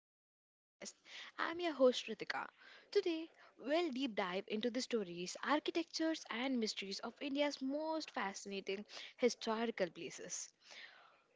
back to our podcast. I'm your host, Ritika. Today, we'll deep dive into the stories, architectures, and mysteries of India's most fascinating historical places.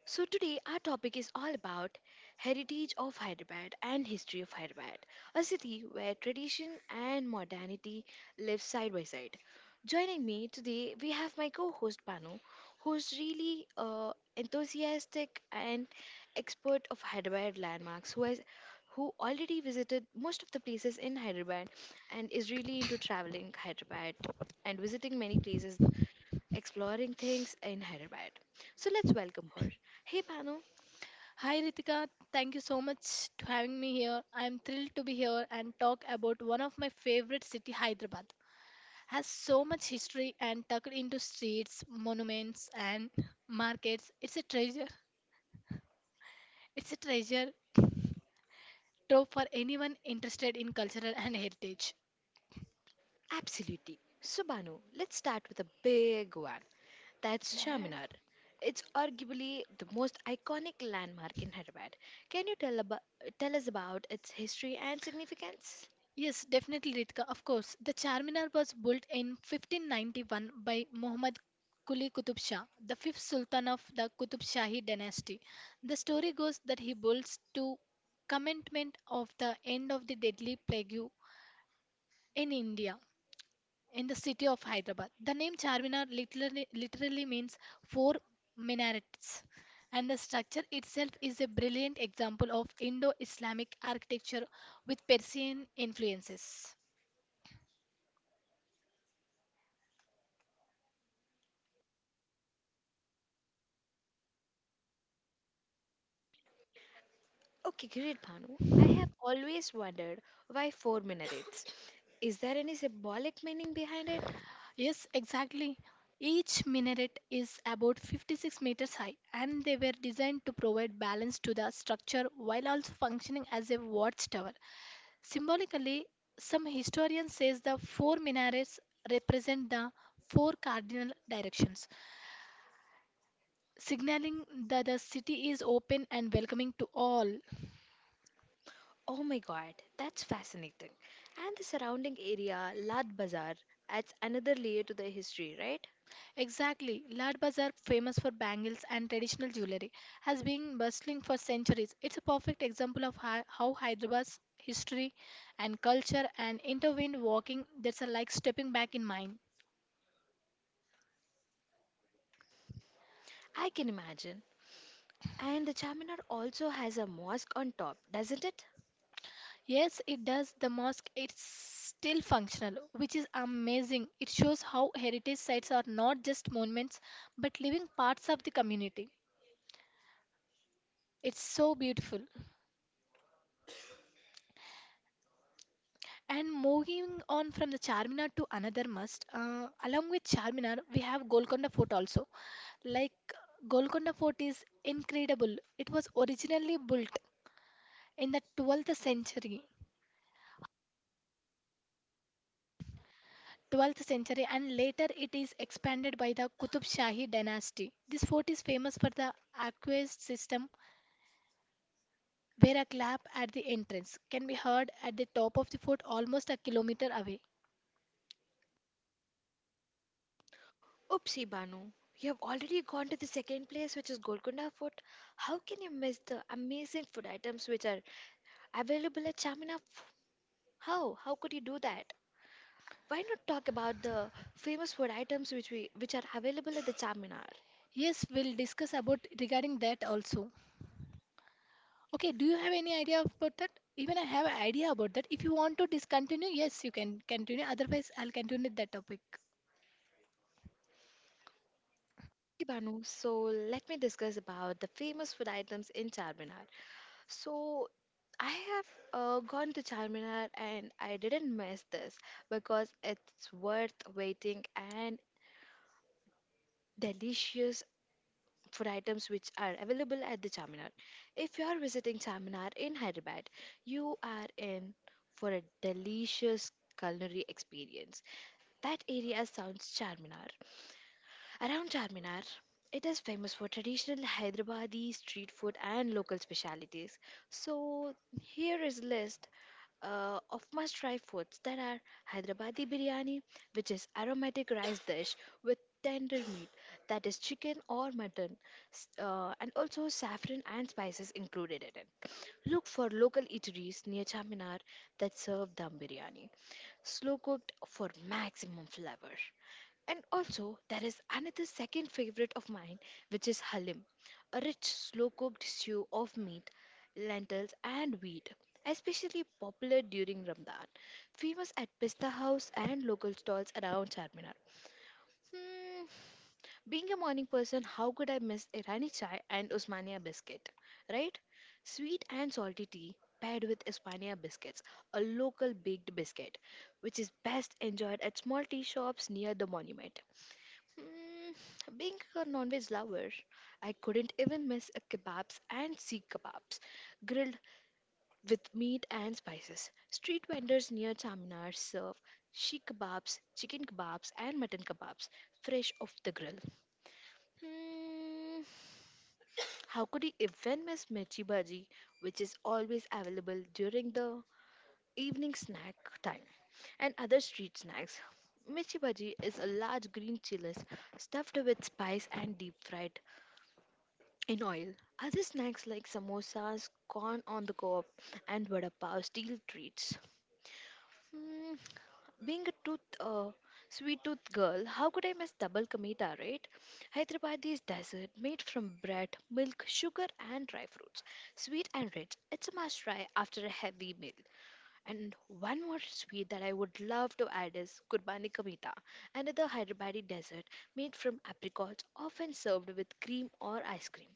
So today our topic is all about heritage of Hyderabad and history of Hyderabad, a city where tradition and modernity live side by side. Joining me today we have my co-host Panu, who's really enthusiastic and expert of Hyderabad landmarks, who already visited most of the places in Hyderabad and is really into traveling Hyderabad and visiting many places exploring things in Hyderabad. So let's welcome her. Hey Banu, Hi Ritika, thank you so much to having me here. I am thrilled to be here and talk about one of my favorite city, Hyderabad. Has so much history and tucked into streets, monuments and markets. It's a treasure. It's a treasure trove for anyone interested in cultural and heritage. absolutely. So Banu, let's start with a big one. That's Charminar. It's arguably the most iconic landmark in Hyderabad. Can you tell about Tell us about its history and significance? Yes, definitely, Ritika. Of course, the Charminar was built in 1591 by Muhammad Quli Qutub Shah, the fifth sultan of the Qutub Shahi dynasty. The story goes that he builds to commencement of the end of the deadly plague in India, in the city of Hyderabad. The name Charminar literally means four minarets, and the structure itself is a brilliant example of Indo-Islamic architecture with Persian influences. Okay, great Banu. I have always wondered why four minarets. Is there any symbolic meaning behind it? Yes, exactly. Each minaret is about 56 meters high, and they were designed to provide balance to the structure while also functioning as a watchtower. Symbolically, some historians say the four minarets represent the four cardinal directions, signaling that the city is open and welcoming to all. Oh my god, that's fascinating. And the surrounding area, Lad Bazaar, adds another layer to the history, right? Exactly. Lad Bazaar, famous for bangles and traditional jewelry, has been bustling for centuries. It's a perfect example of how Hyderabad's history and culture and intertwined walking that's a like stepping back in mind. I can imagine. And the Charminar also has a mosque on top, doesn't it? Yes, it does. The mosque it's still functional, which is amazing. It shows how heritage sites are not just monuments but living parts of the community. It's so beautiful. And moving on from the Charminar to another must, along with Charminar, we have Golconda Fort also. Like Golconda Fort is incredible. It was originally built in the 12th century. 12th century and later it is expanded by the Qutub Shahi dynasty. This fort is famous for the aqueduct system where a clap at the entrance can be heard at the top of the fort almost a kilometer away. Oopsie Banu, you have already gone to the second place, which is Golconda Fort. How can you miss the amazing food items which are available at Charminar? How? How could you do that? Why not talk about the famous food items which are available at the Charminar? Yes, we'll discuss about regarding that also. Okay, do you have any idea about that? Even I have an idea about that. If you want to discontinue, yes, you can continue. Otherwise, I'll continue that topic. Hey Banu, so let me discuss about the famous food items in Charminar. So I have gone to Charminar and I didn't miss this because it's worth waiting and delicious food items which are available at the Charminar. If you are visiting Charminar in Hyderabad, you are in for a delicious culinary experience. That area sounds Charminar. Around Charminar, it is famous for traditional Hyderabadi street food and local specialities. So here is list of must-try foods that are Hyderabadi biryani, which is aromatic rice dish with tender meat, that is chicken or mutton, and also saffron and spices included in it. Look for local eateries near Charminar that serve dum biryani, slow cooked for maximum flavor. And also, there is another second favorite of mine, which is halim, a rich, slow cooked stew of meat, lentils, and wheat, especially popular during Ramadan, famous at pista house and local stalls around Charminar. Hmm, being a morning person, how could I miss Irani chai and osmania biscuit, right? Sweet and salty tea paired with osmania biscuits, a local baked biscuit, which is best enjoyed at small tea shops near the monument. Mm, being a non-veg lover, I couldn't even miss a kebabs and seek kebabs, grilled with meat and spices. Street vendors near Chaminar serve sheikh kebabs, chicken kebabs, and mutton kebabs, fresh off the grill. Hmm, how could you even miss mirchi bhaji, which is always available during the evening snack time and other street snacks? Mirchi bhaji is a large green chilies stuffed with spice and deep fried in oil. Other snacks like samosas, corn on the cob, and vada pav steel treats. Hmm, being a sweet tooth girl, how could I miss double kamita, right? Hyderabadi's dessert made from bread, milk, sugar, and dry fruits. Sweet and rich. It's a must try after a heavy meal. And one more sweet that I would love to add is Kurbani Kamita, another Hyderabadi dessert made from apricots, often served with cream or ice cream.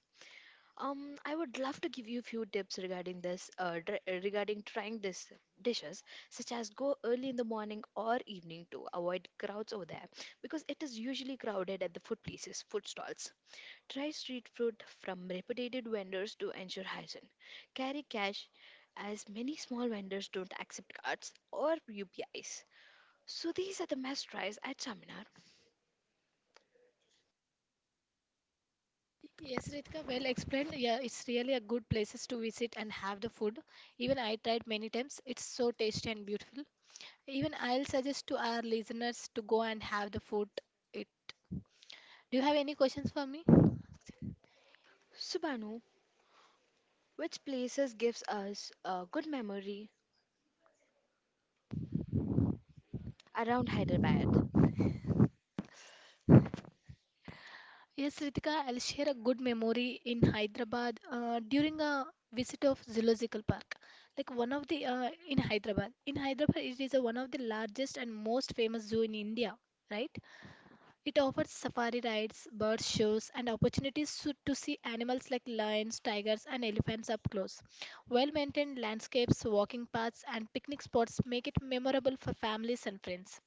I would love to give you a few tips regarding regarding trying these dishes, such as go early in the morning or evening to avoid crowds over there, because it is usually crowded at the food places, food stalls. Try street food from reputed vendors to ensure hygiene. Carry cash, as many small vendors don't accept cards or UPIs. So these are the must tries at Chaminar. Yes, Ritika, well explained. Yeah, it's really a good places to visit and have the food. Even I tried many times. It's so tasty and beautiful. Even I'll suggest to our listeners to go and have the food. It. Do you have any questions for me? Subhanu, which places gives us a good memory around Hyderabad? Yes, Ritika, I'll share a good memory in Hyderabad during a visit of zoological park. Like one of the in Hyderabad. In Hyderabad, it is a, one of the largest and most famous zoo in India, right? It offers safari rides, bird shows, and opportunities to see animals like lions, tigers, and elephants up close. Well-maintained landscapes, walking paths, and picnic spots make it memorable for families and friends.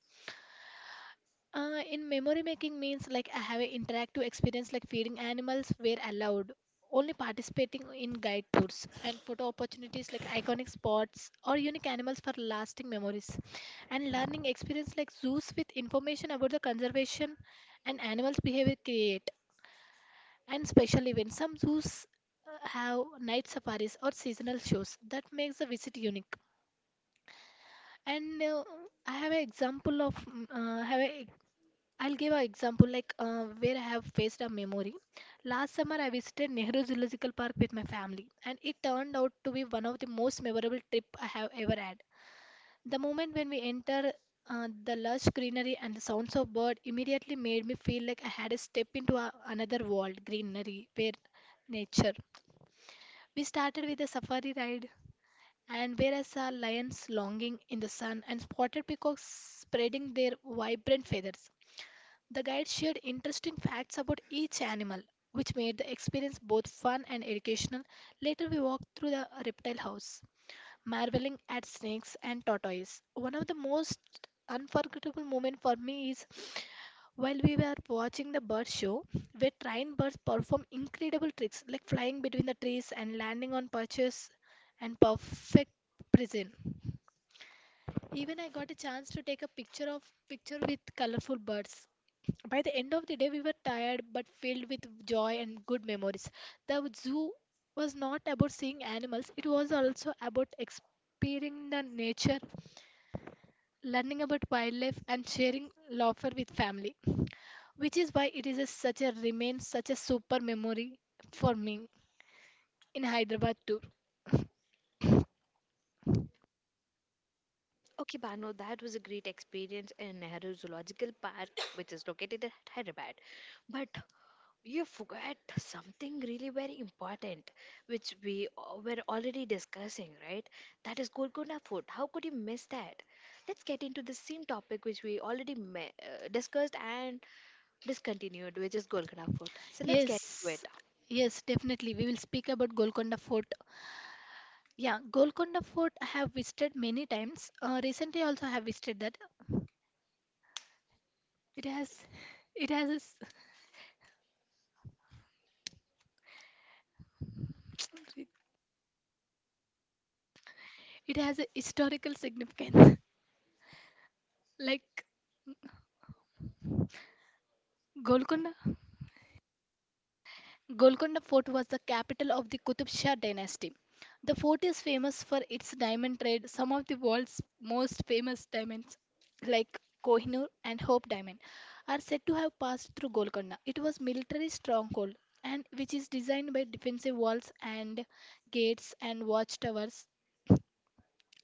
In memory making means like I have an interactive experience like feeding animals where allowed, only participating in guide tours and photo opportunities like iconic spots or unique animals for lasting memories, and learning experience like zoos with information about the conservation and animals' behavior create and special events. Some zoos have night safaris or seasonal shows that makes the visit unique. And I have an example of mm, have a I'll give an example like where I have faced a memory. Last summer, I visited Nehru Zoological Park with my family, and it turned out to be one of the most memorable trip I have ever had. The moment when we enter the lush greenery and the sounds of bird immediately made me feel like I had a step into a, another world, greenery, where nature. We started with a safari ride, and where I saw lions longing in the sun and spotted peacocks spreading their vibrant feathers. The guide shared interesting facts about each animal, which made the experience both fun and educational. Later, we walked through the reptile house, marveling at snakes and tortoises. One of the most unforgettable moments for me is while we were watching the bird show, where trained birds perform incredible tricks like flying between the trees and landing on perches and perfect precision. Even I got a chance to take a picture with colorful birds by the end of the day, we were tired but filled with joy and good memories. The zoo was not about seeing animals, it was also about experiencing the nature, learning about wildlife, and sharing laughter with family, which is why it is a, such a remains such a super memory for me in Hyderabad too. Okay, Banu, that was a great experience in Nehru Zoological Park, which is located at Hyderabad. But you forgot something really very important, which we were already discussing, right? That is Golconda Fort. How could you miss that? Let's get into the same topic which we already discussed and discontinued, which is Golconda Fort. So let's get into it. Yes, yes, definitely. We will speak about Golconda Fort. Yeah, Golconda Fort I have visited many times. Recently, also I have visited that. It has, it has it has a historical significance. Like Golconda, Golconda Fort was the capital of the Qutub Shah dynasty. The fort is famous for its diamond trade, some of the world's most famous diamonds like Kohinoor and Hope diamond are said to have passed through Golconda. It was military stronghold and which is designed by defensive walls and gates and watchtowers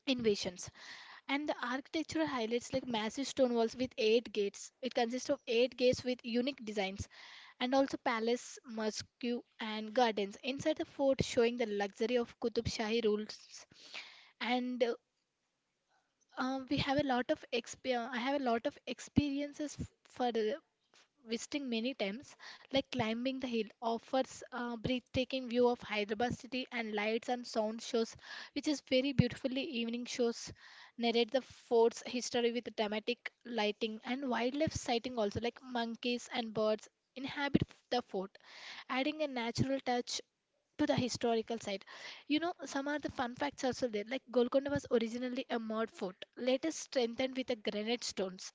invasions. And the architecture highlights like massive stone walls with eight gates. It consists of eight gates with unique designs, and also palace, mosque, and gardens inside the fort, showing the luxury of Qutub Shahi rules. And we have a lot of I have a lot of experiences for visiting many times, like climbing the hill offers a breathtaking view of Hyderabad city and lights and sound shows, which is very beautifully evening shows narrate the fort's history with dramatic lighting and wildlife sighting also like monkeys and birds inhabit the fort, adding a natural touch to the historical side. You know, some are the fun facts also there. Like Golconda was originally a mud fort, later strengthened with the granite stones.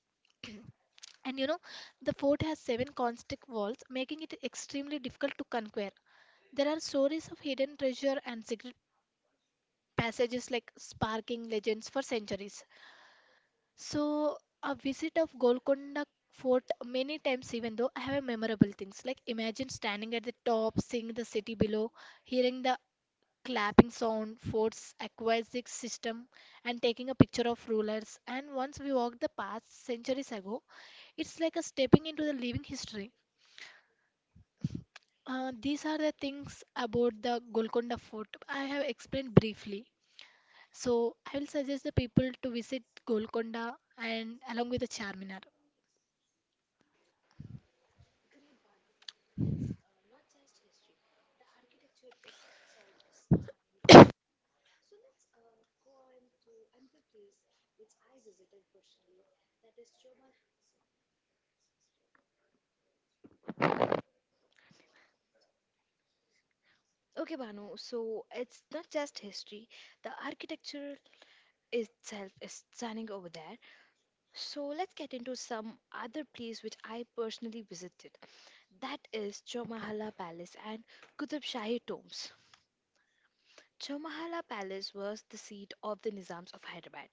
And you know, the fort has seven constant walls, making it extremely difficult to conquer. There are stories of hidden treasure and secret passages like sparking legends for centuries. So, a visit of Golconda fort many times even though I have memorable things like imagine standing at the top seeing the city below hearing the clapping sound, forts, aquatic system, and taking a picture of rulers. And once we walk the past centuries ago, it's like a stepping into the living history. These are the things about the Golconda Fort I have explained briefly. So I will suggest the people to visit Golconda and along with the Charminar. So let's go on to another place which I visited personally, that is Chomal. Okay, Banu, so it's not just history, the architecture itself is stunning over there. So let's get into some other place which I personally visited. That is Chomahala Palace and Qutub Shahi tombs. Chomahala Palace was the seat of the Nizams of Hyderabad.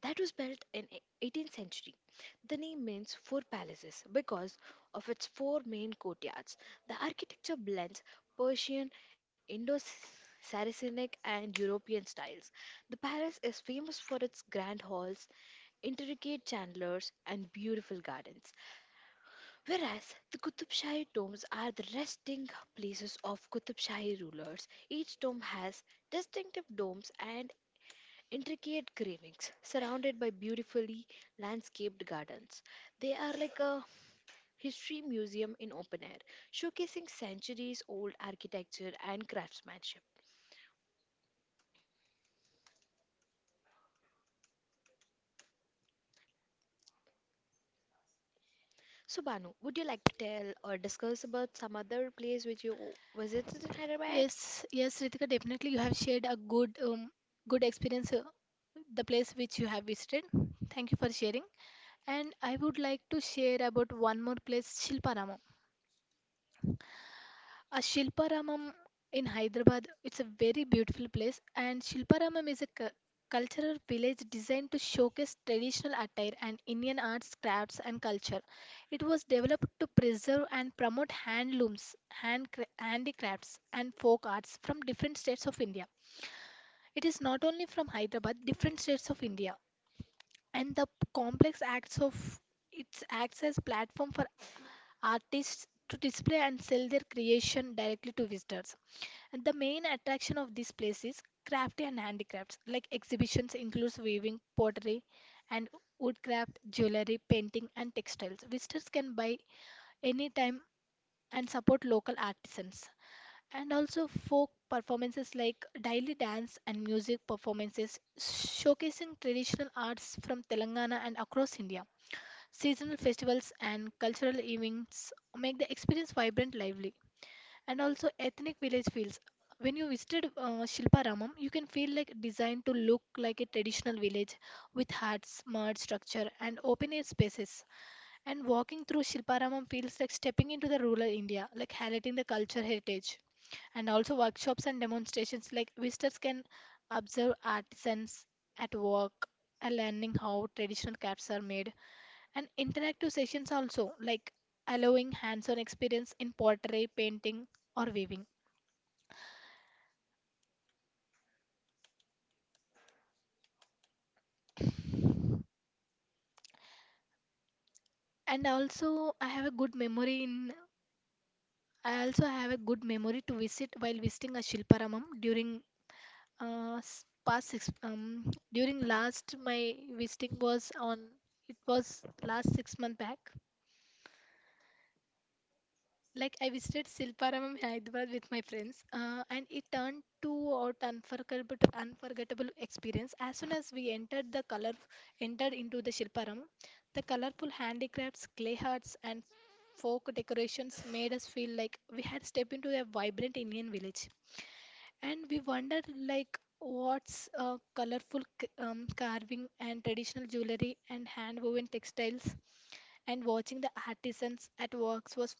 That was built in 18th century. The name means four palaces because of its four main courtyards. The architecture blends Persian, Indo-Saracenic and European styles. The palace is famous for its grand halls, intricate chandeliers and beautiful gardens. Whereas the Qutub Shahi tombs are the resting places of Qutub Shahi rulers. Each tomb has distinctive domes and intricate carvings surrounded by beautifully landscaped gardens. They are like a history museum in open air, showcasing centuries old architecture and craftsmanship. So, Banu, would you like to tell or discuss about some other place which you visited in Hyderabad? Yes, yes, Ritika, definitely you have shared a good experience, the place which you have visited. Thank you for sharing. And I would like to share about one more place, Shilparamam. A Shilparamam in Hyderabad, it's a very beautiful place, and Shilparamam is a cultural village designed to showcase traditional attire and Indian arts, crafts, and culture. It was developed to preserve and promote handlooms, handicrafts, and folk arts from different states of India. It is not only from Hyderabad, different states of India, and the complex acts of it acts as platform for artists to display and sell their creation directly to visitors. And the main attraction of this place is crafty and handicrafts. Like exhibitions includes weaving, pottery, and woodcraft, jewelry, painting, and textiles. Visitors can buy anytime and support local artisans. And also folk performances like daily dance and music performances showcasing traditional arts from Telangana and across India. Seasonal festivals and cultural events make the experience vibrant, lively, and also ethnic village feels. When you visited Shilparamam, you can feel like designed to look like a traditional village with huts, mud structure, and open air spaces. And walking through Shilparamam feels like stepping into the rural India, like highlighting the culture heritage. And also workshops and demonstrations, like visitors can observe artisans at work and learning how traditional crafts are made and interactive sessions also, like allowing hands on experience in pottery, painting, or weaving. And also, I have a good memory in. I also have a good memory to visit while visiting a Shilparamam during s- past six. During last my visiting was on. It was last 6 months back. Like I visited Silparamam Hyderabad with my friends, and it turned to out unforgettable experience. As soon as we entered into the Silparam, the colorful handicrafts, clay hearts, and folk decorations made us feel like we had stepped into a vibrant Indian village. And we wondered like what's colorful carving and traditional jewelry and hand-woven textiles, and watching the artisans at works was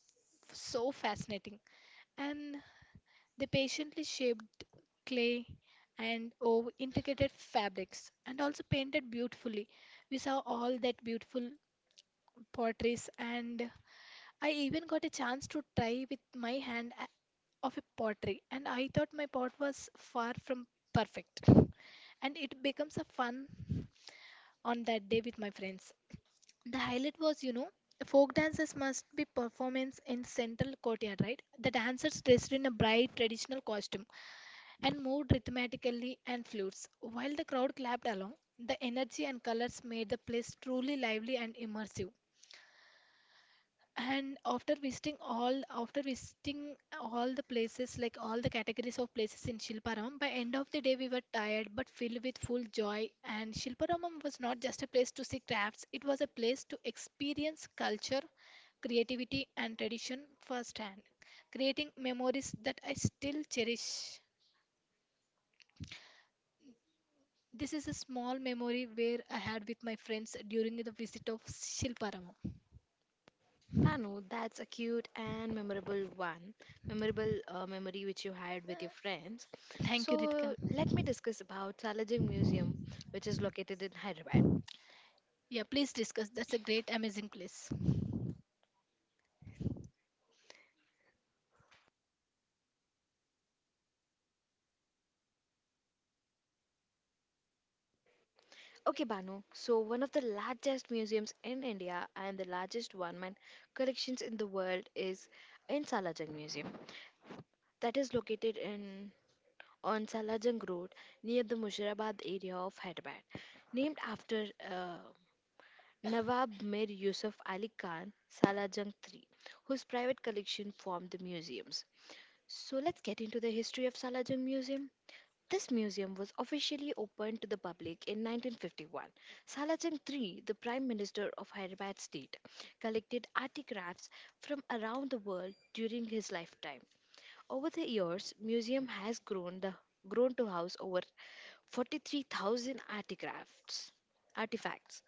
so fascinating. And they patiently shaped clay and oh, intricate fabrics and also painted beautifully. We saw all that beautiful potteries, and I even got a chance to try with my hand of a pottery. And I thought my pot was far from perfect. And it becomes a fun on that day with my friends. The highlight was, you know, folk dances must be performance in central courtyard, right? The dancers dressed in a bright traditional costume and moved rhythmically and flutes. While the crowd clapped along, the energy and colors made the place truly lively and immersive. And after visiting all the places, like all the categories of places in Shilparamam, by end of the day we were tired but filled with full joy. And Shilparamam was not just a place to see crafts; it was a place to experience culture, creativity, and tradition firsthand, creating memories that I still cherish. This is a small memory where I had with my friends during the visit of Shilparamo. Banu, that's a cute and memorable one, memorable memory which you had with your friends. Thank you, So, Ritika. let me discuss about Salajing Museum, which is located in Hyderabad. Yeah, please discuss. That's a great, amazing place. Okay, Banu. So, one of the largest museums in India and the largest one-man collections in the world is in Salajung Museum. That is located in on Salajung Road near the Muzaffarabad area of Hyderabad. Named after Nawab Mir Yusuf Ali Khan, Salajung III, whose private collection formed the museums. So, let's get into the history of Salajung Museum. This museum was officially opened to the public in 1951. Salajang III, the third, the Prime Minister of Hyderabad State, collected artifacts from around the world during his lifetime. Over the years, museum has grown to house over 43,000 artifacts. Artifacts.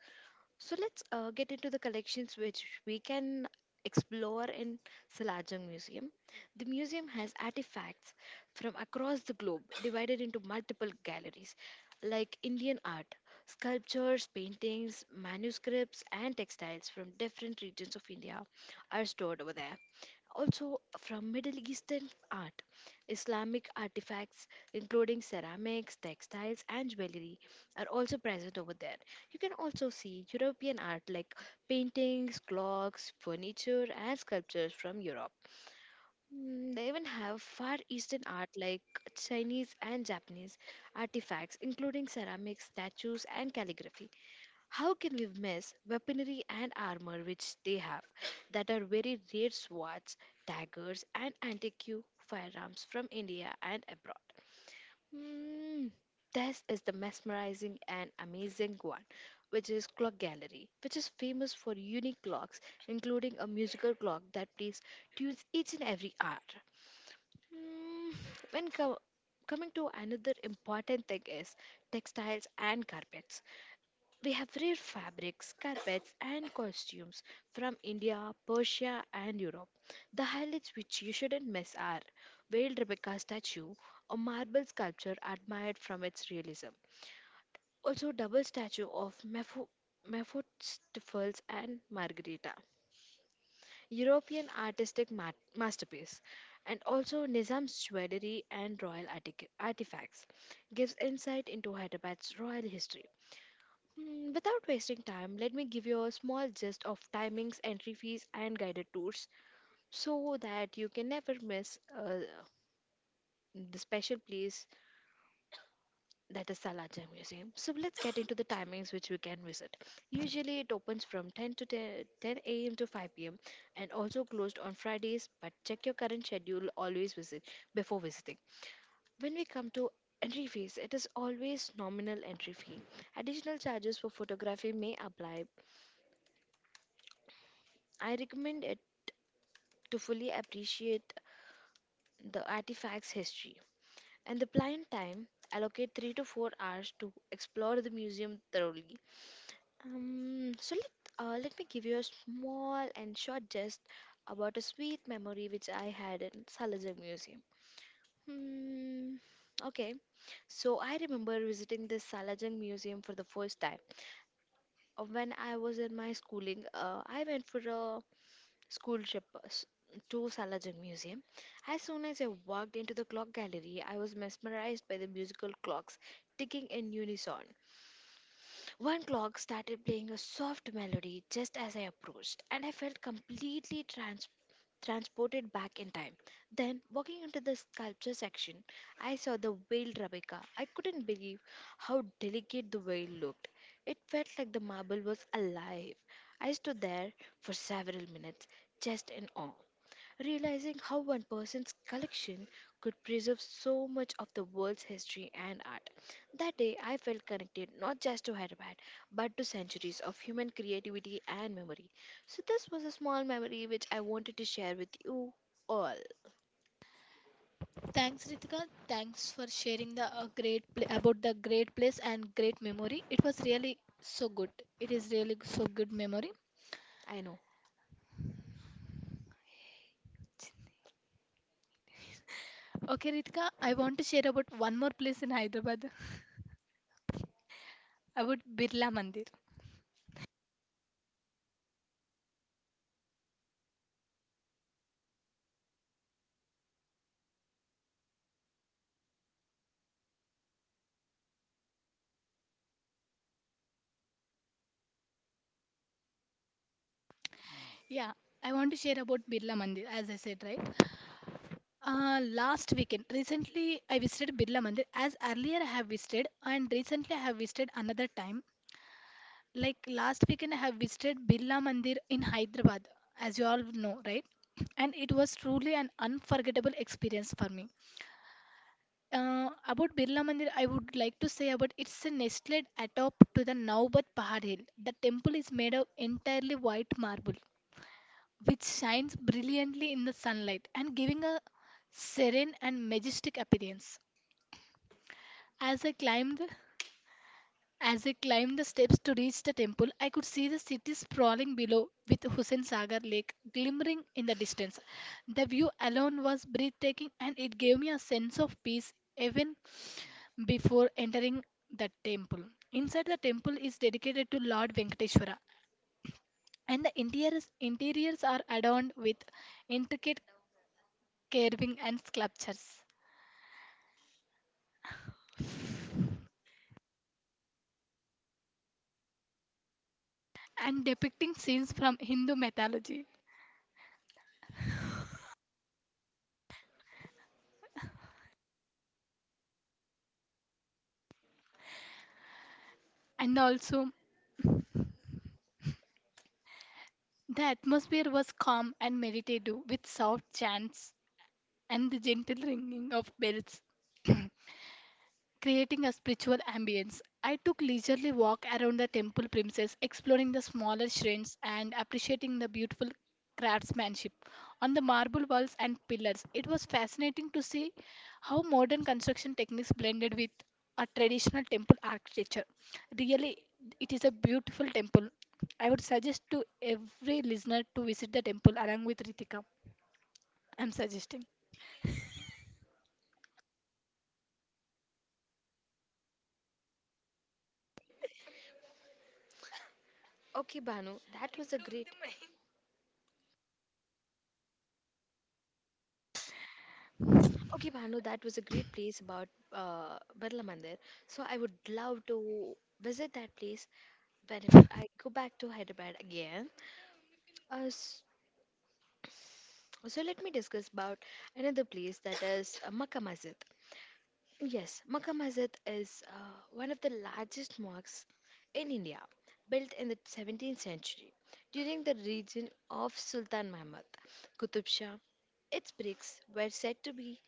So let's get into the collections which we can explore in Salajang Museum. The museum has artifacts from across the globe divided into multiple galleries like Indian art, sculptures, paintings, manuscripts and textiles from different regions of India are stored over there also from Middle Eastern art, Islamic artifacts including ceramics, textiles, and jewelry are also present over there. You can also see European art like paintings, clocks, furniture, and sculptures from Europe. Mm, they even have Far Eastern art like Chinese and Japanese artifacts, including ceramics, statues, and calligraphy. How can we miss weaponry and armor which they have that are very rare swords, daggers, and antique firearms from India and abroad? Hmm, this is the mesmerizing and amazing one, which is Clock Gallery, which is famous for unique clocks, including a musical clock that plays tunes each and every hour. Hmm, When co- coming to another important thing is textiles and carpets we have rare fabrics, carpets, and costumes from India, Persia, and Europe. The highlights which you shouldn't miss are Veiled Rebecca statue, a marble sculpture admired from its realism. Also, double statue of Mephistopheles and Margarita, European artistic masterpiece, and also Nizam's jewelry and royal artifacts gives insight into Hyderabad's royal history. Hmm, without wasting time, let me give you a small gist of timings, entry fees, and guided tours so that you can never miss the special place that is Salaja Museum. So let's get into the timings which we can visit. Usually it opens from 10 a.m. to 5 p.m. and also closed on Fridays, but check your current schedule always visit before visiting. When we come to entry fees. It is always nominal entry fee. Additional charges for photography may apply. I recommend it to fully appreciate the artifact's history. And the blind time, allocate 3 to 4 hours to explore the museum thoroughly. So let me give you a small and short gist about a sweet memory which I had in Salajang Museum. Hmm, okay, so I remember visiting the Salajang Museum for the first time. When I was in my schooling, I went for a school trip to Salajung Museum. As soon as I walked into the clock gallery, I was mesmerized by the musical clocks ticking in unison. One clock started playing a soft melody just as I approached, and I felt completely transported back in time. Then, walking into the sculpture section, I saw the veiled Rebecca. I couldn't believe how delicate the veil looked. It felt like the marble was alive. I stood there for several minutes, just in awe, realizing how one person's collection could preserve so much of the world's history and art. That day, I felt connected not just to Hyderabad, but to centuries of human creativity and memory. So, this was a small memory which I wanted to share with you all. Thanks, Ritika. Thanks for sharing the great pla about the great place and great memory. It was really so good. It is really so good memory. I know. Okay, Ritika, I want to share about one more place in Hyderabad about Birla Mandir. Yeah, I want to share about Birla Mandir, as I said, right? Last weekend, recently I visited Birla Mandir. As earlier I have visited, and recently I have visited another time. Like last weekend, I have visited Birla Mandir in Hyderabad, as you all know, right? And it was truly an unforgettable experience for me. About Birla Mandir, I would like to say about it's a nestled atop to the Naubat Pahad Hill. The temple is made of entirely white marble, which shines brilliantly in the sunlight and giving a serene and majestic appearance. As I climbed, as I climbed the steps to reach the temple, I could see the city sprawling below, with Hussain Sagar Lake glimmering in the distance. The view alone was breathtaking, and it gave me a sense of peace even before entering the temple. Inside the temple is dedicated to Lord Venkateshwara, and the interiors are adorned with intricate carving and sculptures, and depicting scenes from Hindu mythology. And also, the atmosphere was calm and meditative, with soft chants and the gentle ringing of bells. Creating a spiritual ambience. I took leisurely walk around the temple premises, exploring the smaller shrines and appreciating the beautiful craftsmanship on the marble walls and pillars. It was fascinating to see how modern construction techniques blended with a traditional temple architecture. Really, it is a beautiful temple. I would suggest to every listener to visit the temple along with Ritika. I'm suggesting. Okay, Banu, that was a great. Okay, Banu, that was a great place about Birla Mandir. So I would love to visit that place whenever I go back to Hyderabad again. Uh, So let me discuss about another place that is Makkah Masjid. Yes, Makkah Masjid is one of the largest mosques in India, built in the 17th century during the reign of Sultan Muhammad Qutub Shah. Its bricks were said to be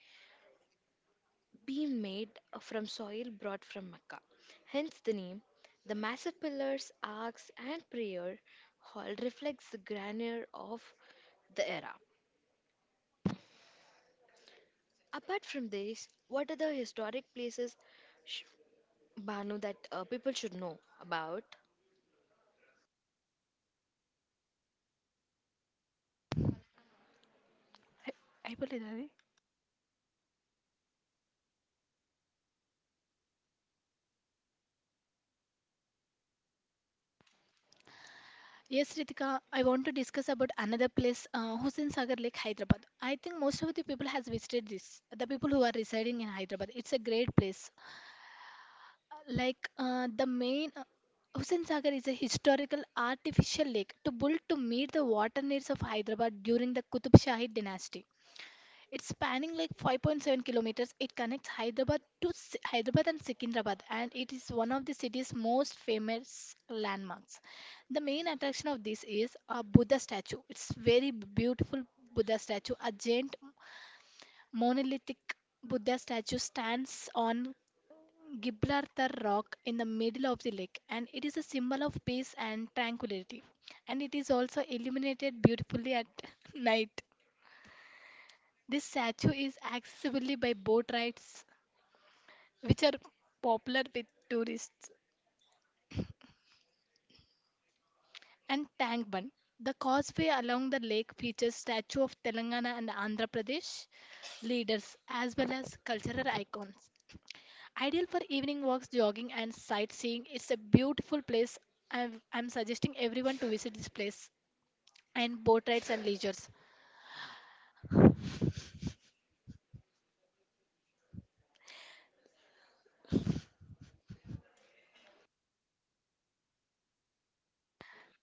being made from soil brought from Makkah, hence the name. The massive pillars, arcs, and prayer hall reflects the grandeur of the era. Apart from this, what are the historic places, sh- Banu, that people should know about? I- అయిపోలేదా అది? Yes, Ritika, I want to discuss about another place, Hussain Sagar Lake, Hyderabad. I think most of the people has visited this. The people who are residing in Hyderabad, it's a great place. The main Hussain Sagar is a historical artificial lake to built to meet the water needs of Hyderabad during the Qutub Shahi dynasty. It's spanning like 5.7 kilometers. It connects Hyderabad to Hyderabad and Secunderabad, and it is one of the city's most famous landmarks. The main attraction of this is a Buddha statue. It's very beautiful Buddha statue. A giant monolithic Buddha statue stands on Gibraltar Rock in the middle of the lake, and it is a symbol of peace and tranquility. And it is also illuminated beautifully at night. This statue is accessible by boat rides, which are popular with tourists, and Tank Bund. The causeway along the lake features statue of Telangana and Andhra Pradesh leaders as well as cultural icons. Ideal for evening walks, jogging, and sightseeing, it's a beautiful place. I'm suggesting everyone to visit this place and boat rides and leisures,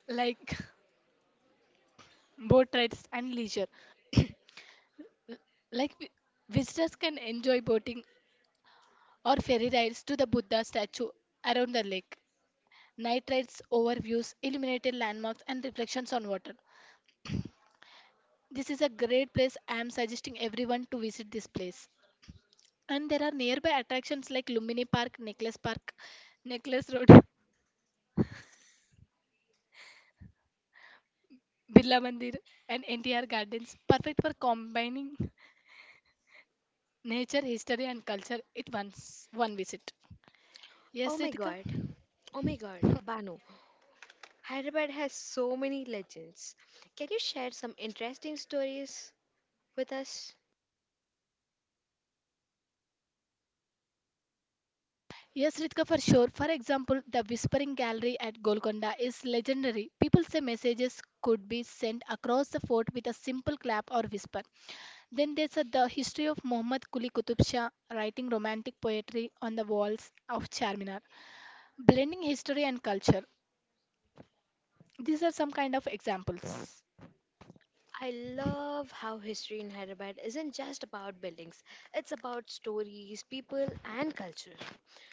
like boat rides and leisure. Like visitors can enjoy boating or ferry rides to the Buddha statue around the lake. Night rides over views, illuminated landmarks, and reflections on water. This is a great place. I am suggesting everyone to visit this place. And there are nearby attractions like Lumini Park, Necklace Park, Necklace Road, Birla Mandir, and NTR Gardens, perfect for combining nature, history, and culture at once one visit. Oh Yes, my Ritika? god, oh my god, Banu. Hyderabad has so many legends. Can you share some interesting stories with us? Yes, Ritika, for sure. For example, the Whispering Gallery at Golconda is legendary. People say messages could be sent across the fort with a simple clap or whisper. Then there's the history of Muhammad Quli Qutub Shah writing romantic poetry on the walls of Charminar, blending history and culture. These are some kind of examples. I love how history in Hyderabad isn't just about buildings, it's about stories, people, and culture.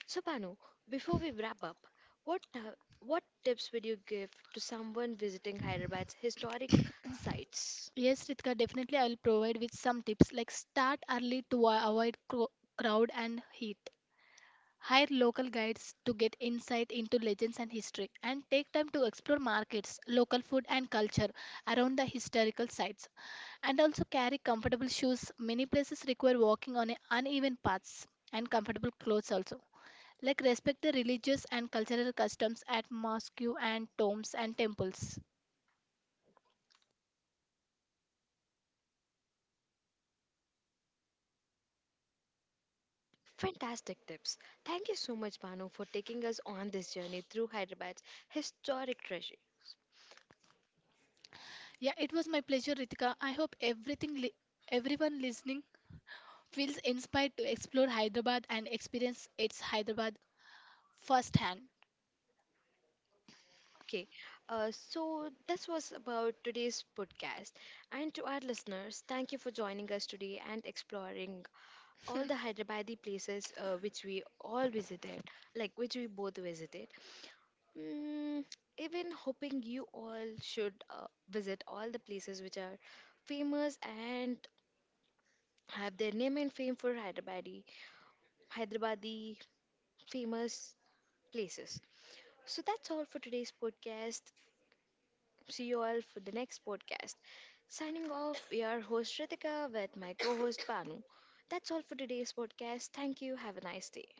So, Banu, before we wrap up, what, ti- what tips would you give to someone visiting Hyderabad's historic sites? Yes, Ritika, definitely I will provide with some tips like start early to avoid crowd and heat. Hire local guides to get insight into legends and history, and take time to explore markets, local food, and culture around the historical sites. And also carry comfortable shoes. Many places require walking on a uneven paths and comfortable clothes also. Like respect the religious and cultural customs at mosque and tombs and temples. Fantastic tips. Thank you so much, Banu, for taking us on this journey through Hyderabad's historic treasures. Yeah, it was my pleasure, Ritika. I hope everyone listening feels inspired to explore Hyderabad and experience its Hyderabad firsthand. Okay, so this was about today's podcast. And to our listeners, thank you for joining us today and exploring all the Hyderabadi places which we all visited, like which we both visited. Mm, even hoping you all should visit all the places which are famous and have their name and fame for Hyderabadi. Hyderabadi famous places. So that's all for today's podcast. See you all for the next podcast. Signing off, we are host Ritika with my co host Banu. That's all for today's podcast. Thank you. Have a nice day.